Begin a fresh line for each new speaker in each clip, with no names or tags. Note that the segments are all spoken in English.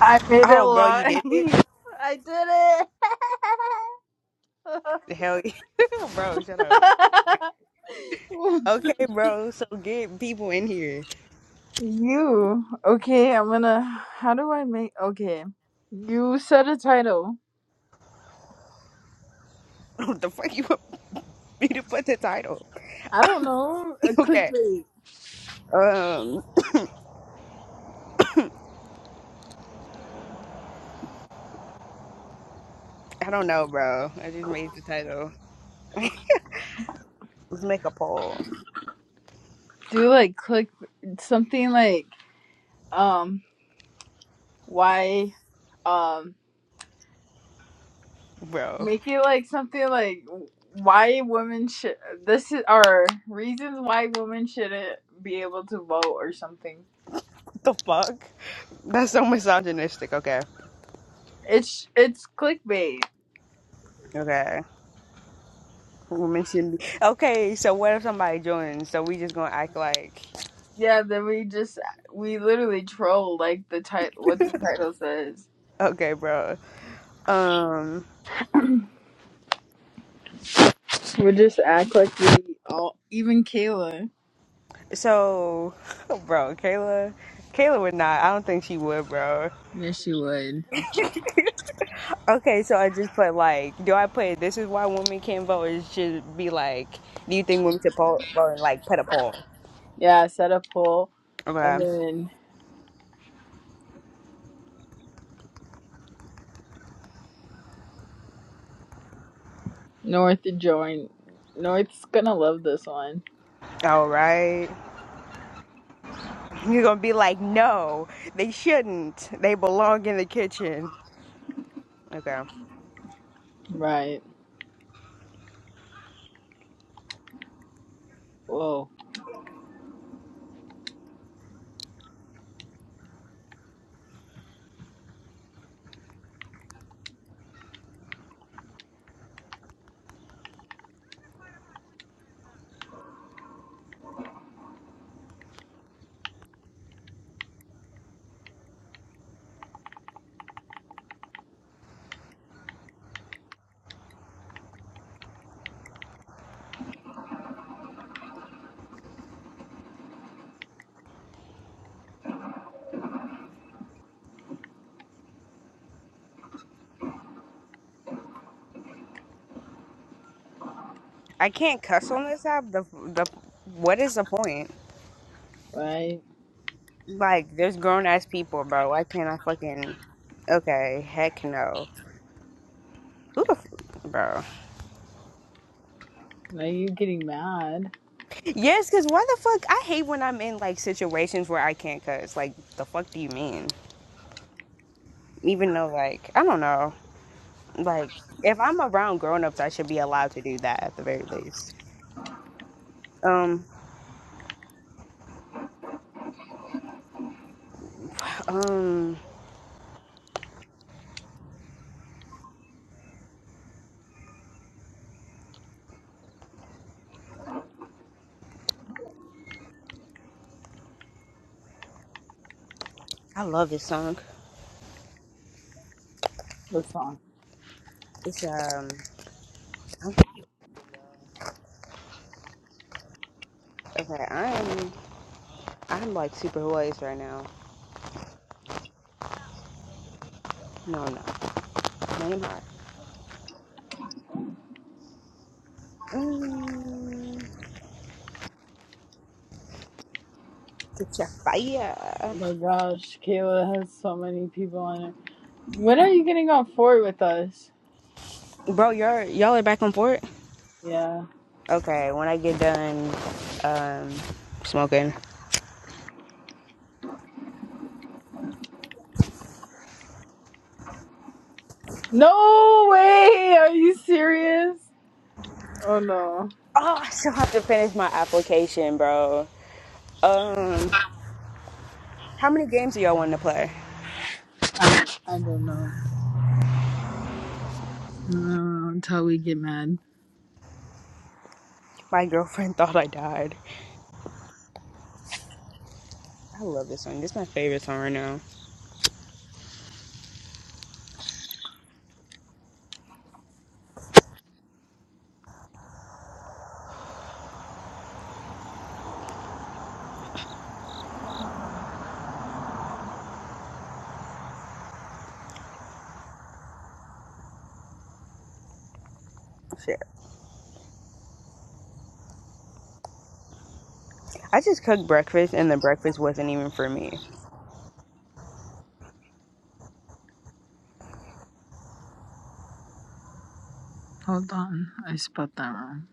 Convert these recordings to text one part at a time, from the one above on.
I made it
Oh, bro, you
live.
did it?
I did
Hell yeah. bro, shut up.
it.
Okay, bro, so get people in here.
you. Okay, I'm gonna. How do I make. Okay. You said a title.
What the fuck you want me to put the title?
I don't know. A
okay.
clickbait.
Um, I don't know, bro. I just made the title. Let's make a poll.
Do like click something like, um, why, um,
Bro,
make it like something like why women should. This is or reasons why women shouldn't be able to vote or something.
what the fuck? That's so misogynistic. Okay.
It's it's clickbait.
Okay. We mentioned. Okay, so what if somebody joins? So we just gonna act like.
Yeah, then we just we literally troll like the title what the title says.
Okay, bro. Um,
We just act like we all even Kayla.
so, bro, Kayla. Kayla would not. I don't think she would, bro.
Yeah, she would.
Okay, so I just put like, do I put this is why women can't vote? It should be like, do you think women should po- vote and like put a poll?
Yeah, I set a poll and
Okay.
then North joined. North's gonna love this one.
All right. You're gonna be like, no, they shouldn't. They belong in the kitchen. Okay.
Right. Whoa.
I can't cuss on this app. The the what is the point?
Right.
Like, there's grown ass people, bro. Why can't I fucking? Okay, heck no. Who the f- bro?
Now you're getting mad.
Yes, because why the fuck? I hate when I'm in like situations where I can't cuss. Like, the fuck do you mean? Even though, like, I don't know. Like, if I'm around grown ups, I should be allowed to do that at the very least. Um, um, I love this song.
The song.
It's, um, I'm Okay, I'm I'm like super hoarse right now. No, no, name hot. Mm, get your fire,
Oh my gosh, Kayla has so many people on it. When are you getting on forward with us?
bro. Y'all y'all are back and forth.
Yeah.
Okay, when I get done um, smoking.
No way! Are you serious? Oh no.
Oh, I still have to finish my application, bro. Um, how many games do y'all want to play?
I, I don't know. I don't know until we get mad.
My girlfriend thought I died. I love this song. This is my favorite song right now. Shit. I just cooked breakfast, and the breakfast wasn't even for me.
Hold on, I spelled that wrong.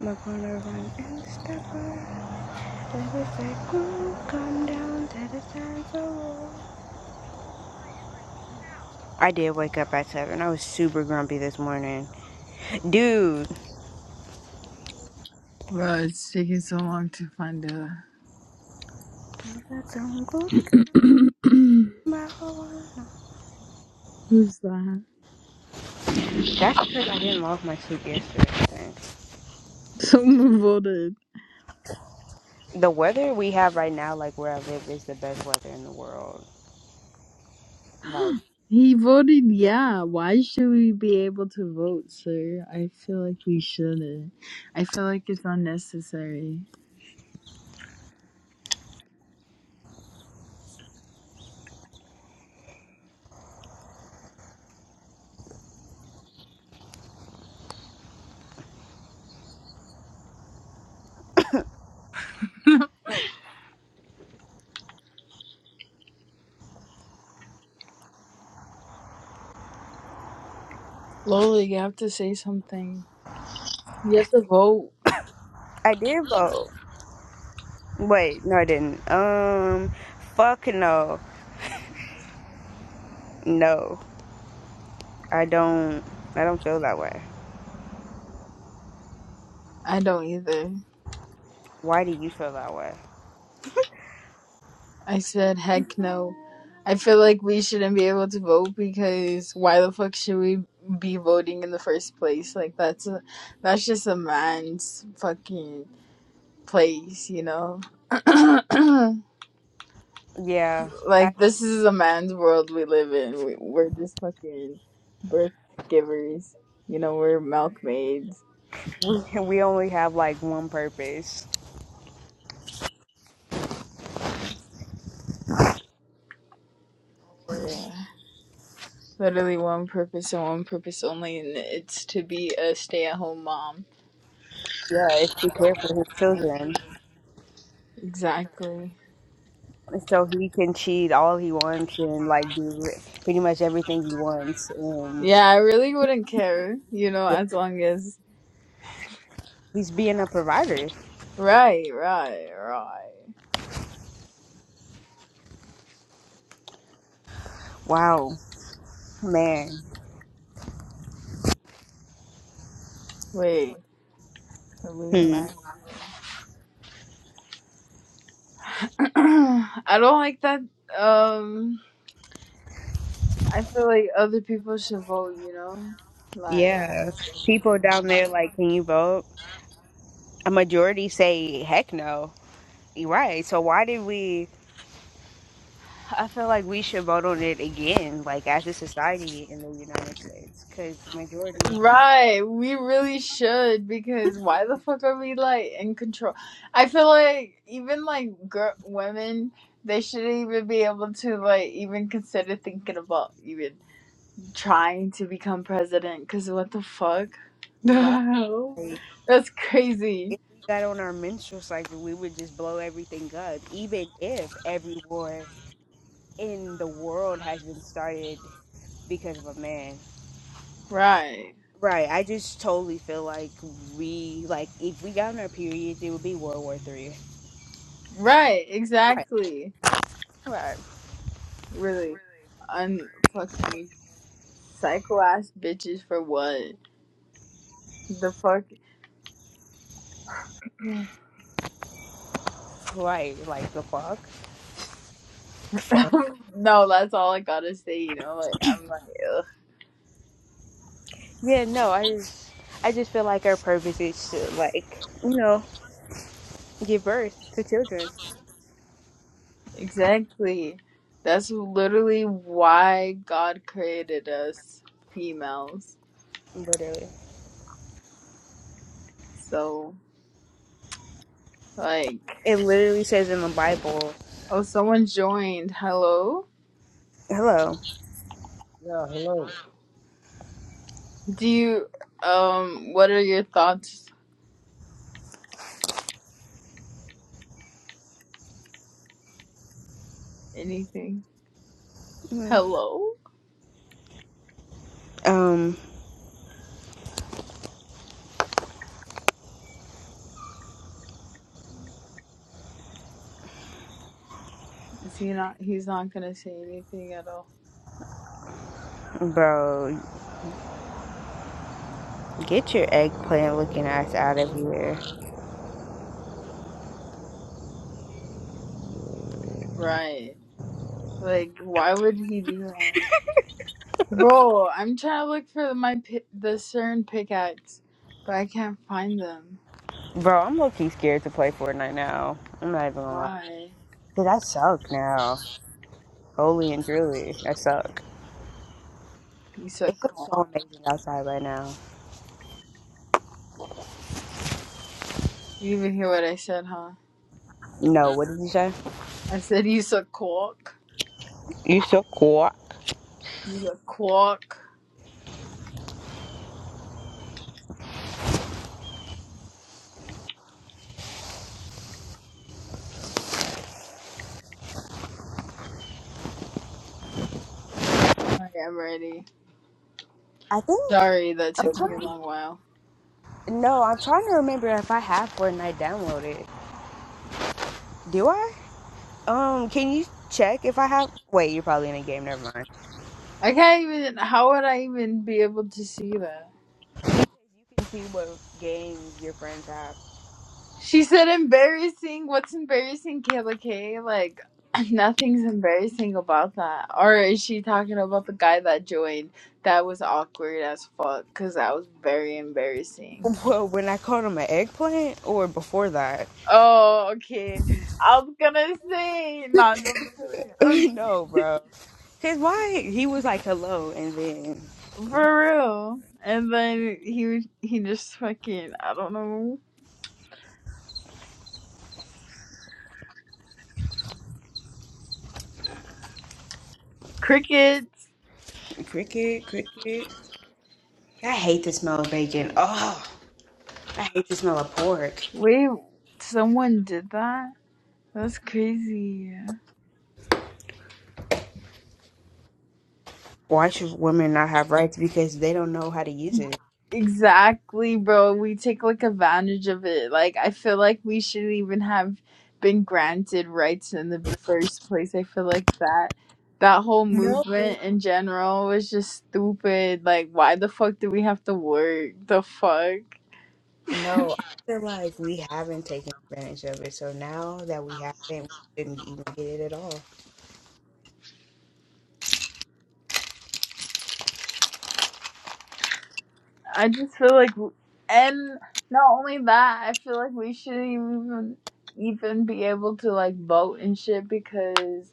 I'm gonna run and stop her. There is a cool calm down that is time to the side of the wall. I did wake up at seven. I was super grumpy this morning, dude.
Well, it's taking so long to find a.
I got some good. My whole life.
Who's that?
That's because I didn't log my sleep yesterday. I think.
Someone voted.
The weather we have right now, like where I live, is the best weather in the world. Like
He voted yeah. Why should we be able to vote, sir? I feel like we shouldn't. I feel like it's unnecessary. Lola, you have to say something. You have to vote.
I did vote. Wait, no, I didn't. Um, fuck no, no. I don't. I don't feel that way.
I don't either.
Why do you feel that way?
I said, heck no. I feel like we shouldn't be able to vote because why the fuck should we be voting in the first place? Like that's a, that's just a man's fucking place, you know.
Yeah, I
like this
agree.
is a man's world we live in. We, we're just fucking birth givers, you know. We're milkmaids.
Right. We we only have like one purpose.
Yeah, literally one purpose and one purpose only, and it's to be a stay-at-home mom.
Yeah, it's to care for his children,
Exactly.
so he can cheat all he wants and like do pretty much everything he wants and.
Yeah, I really wouldn't care, you know, as long as.
He's being a provider.
Right, right, right.
Wow, man.
Wait, we
Hmm.
might. I don't like that. Um, I feel like other people should vote, you know? Like.
Yeah. People down there like, can you vote? A majority say, heck no. You're Right. So why did we? I feel like we should vote on it again, like as a society in the United States, because the majority of people,
Right, we really should because why the fuck are we like in control? I feel like even like girl, women, they shouldn't even be able to like even consider thinking about even. trying to become president because what the fuck? The
right?
hell?
Like,
That's crazy.
if we got on our menstrual cycle, we would just blow everything up, even if every war in the world has been started because of a man.
Right.
Right. I just totally feel like we like if we got on our periods, it would be World War Three.
Right,
Right.
exactly.
Right.
Really. Unfucking psycho ass bitches for what? The fuck?
Right. Like the fuck. Fuck.
no, that's all I gotta say, you know? Like, I'm like, ugh.
Yeah. No. I just I just feel like our purpose is to like you know give birth to children.
Exactly. That's literally why God created us females.
Literally.
So, like,
It literally says in the Bible.
oh, someone joined. Hello?
Hello.
Yeah, hello.
Do you um what are your thoughts? Anything?
Mhm.
Hello?
Um,
Is he not he's not gonna say anything at all.
bro, get your eggplant looking ass out of here.
Right. Like why would he do that? Bro, I'm trying to look for my pi- the CERN pickaxe, but I can't find them.
Bro, I'm low key scared to play Fortnite now. I'm not even gonna lie.
Why?
Dude, I suck now. Holy and truly, I suck.
You
It
suck
feels
cock.
so amazing outside right now.
You didn't even hear what I said, huh?
No, what did you say?
I said you suck cock.
You so cool.
You suck cock. Alright, I'm ready.
I think
Sorry, that took
I'm
me a
trying.
long while.
No, I'm trying to remember if I have Fortnite downloaded. Do I? Um, can you check if I have? Wait, you're probably in a game. Never mind.
I can't even how would I even be able to see that?
You can see what games your friends have.
She said embarrassing. What's embarrassing, Kayla K? Like nothing's embarrassing about that. Or is she talking about the guy that joined? That was awkward as fuck because that was very embarrassing.
Well, when I called him an eggplant, or before that?
Oh, okay. I was gonna say not just kidding. Um,
no, bro. Cause why? He was like, "Hello," and then
for real. And then he was- he just fucking I don't know crickets.
cricket, cricket. I hate the smell of bacon. Oh. I hate the smell of pork.
Wait, someone did that? That's crazy.
Why should women not have rights? Because they don't know how to use it.
Exactly, bro. We take like advantage of it. Like I feel like we should even have been granted rights in the first place. I feel like that that whole
No,
movement in general was just stupid. Like why the fuck do we have to work? The fuck?
no. I feel like we haven't taken advantage of it. So now that we haven't, we shouldn't even get it at all.
I just feel like and not only that, I feel like we shouldn't even even be able to like vote and shit because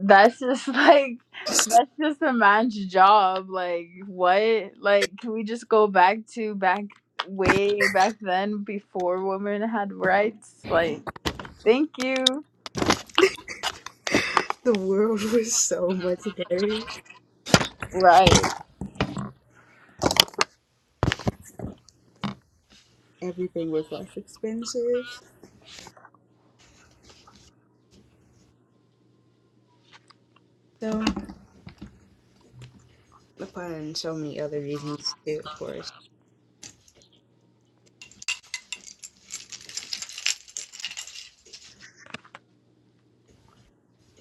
that's just like that's just a man's job like what like can we just go back to back way back then before women had rights like thank you
The world was so much better.
right
Everything was less expensive. So, upon so many other reasons too, of course.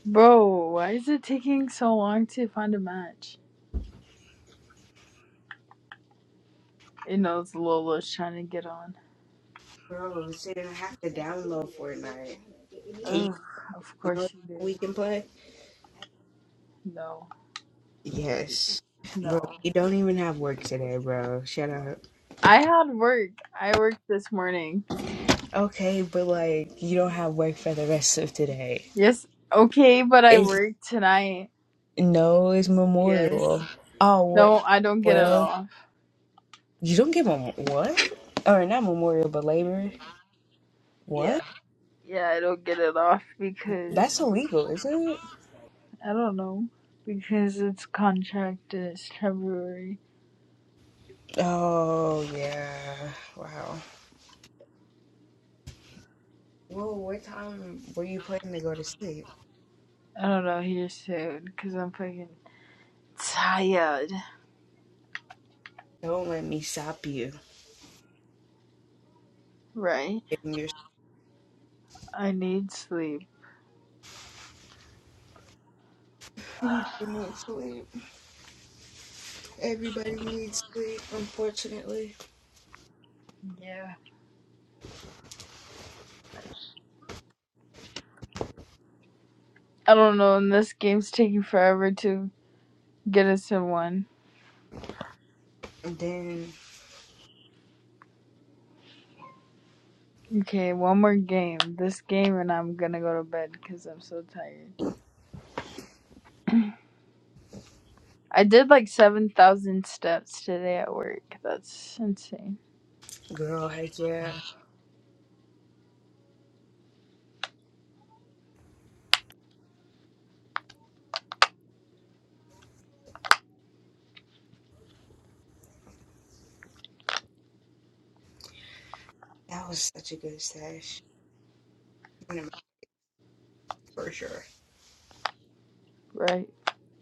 bro why is it taking so long to find a match it knows lolo's trying to get on
Bro, so you don't have to download Fortnite. Can you
Ugh, of
download
course
it
you
so
do
we can play?
no
Yes. Bro,
no
you don't even have work today, bro. Shut up.
i had work i worked this morning
Okay, but like you don't have work for the rest of today.
yes okay but i
It's
worked tonight
no, it's
yes
Memorial. Oh, what?
No, I don't get it
Well,
off.
you don't give them what? Or not Memorial, but Labor. What?
Yeah, yeah, I don't get it off because
That's illegal, is it?
I don't know because it's contracted. It's temporary.
Oh yeah. Wow. Well, what time were you planning to go to sleep?
I don't know here soon because I'm fucking tired.
Don't let me stop you.
Right?
Getting your
I need sleep.
you do need sleep. Everybody needs sleep, unfortunately.
Yeah. I don't know. And this game's taking forever to get us in one.
And then,
Okay, one more game. This game, and I'm gonna go to bed because I'm so tired. I did like seven thousand steps today at work. That's insane,
girl, heck yeah. That was such a good stash. for sure.
right?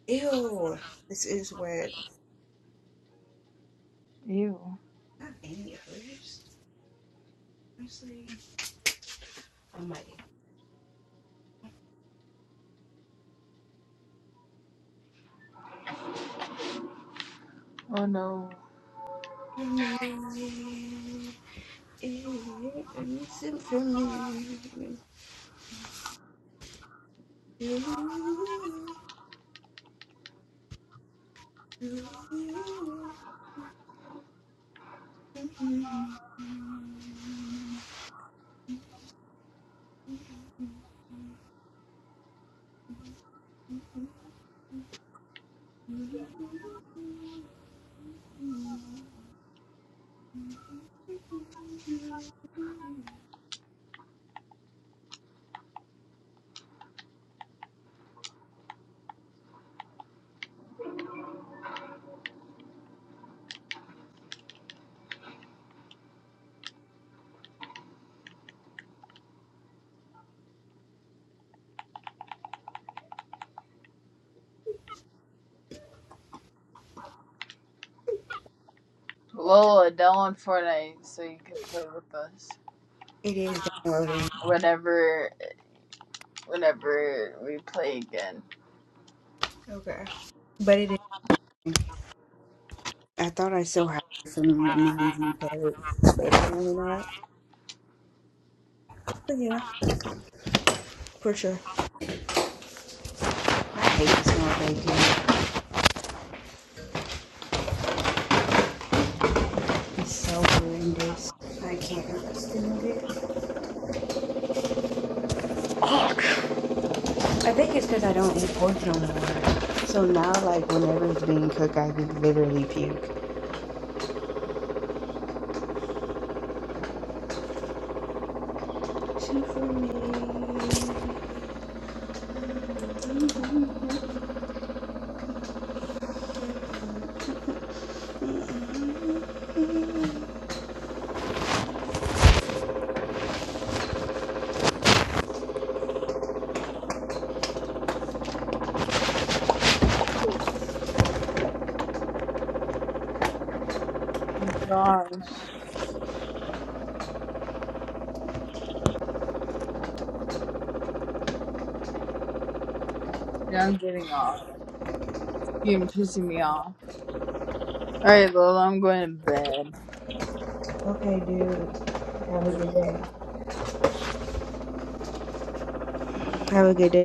Ew, this is wet.
Ew.
Not any hers. Honestly, I might.
Oh no.
For me, it's for me. Do, do. Mm-hmm.
Lola, download Fortnite so you can play with us
It is downloading.
whenever whenever we play again.
Okay. But it is. I thought I still had some with mine on the plate, but apparently not. But yeah, for sure. I hate the smell of bacon. It's so horrendous. I can't understand it. I think it's because I don't eat pork no more. So now, like, whenever it's being cooked, I could literally puke. Shoot for me. Mm-hmm.
Oh my gosh. Yeah, I'm getting off. You're pissing me off. Alright, Lola, I'm going to
Okay, dude. Have a
bed.
good day. Have a good day.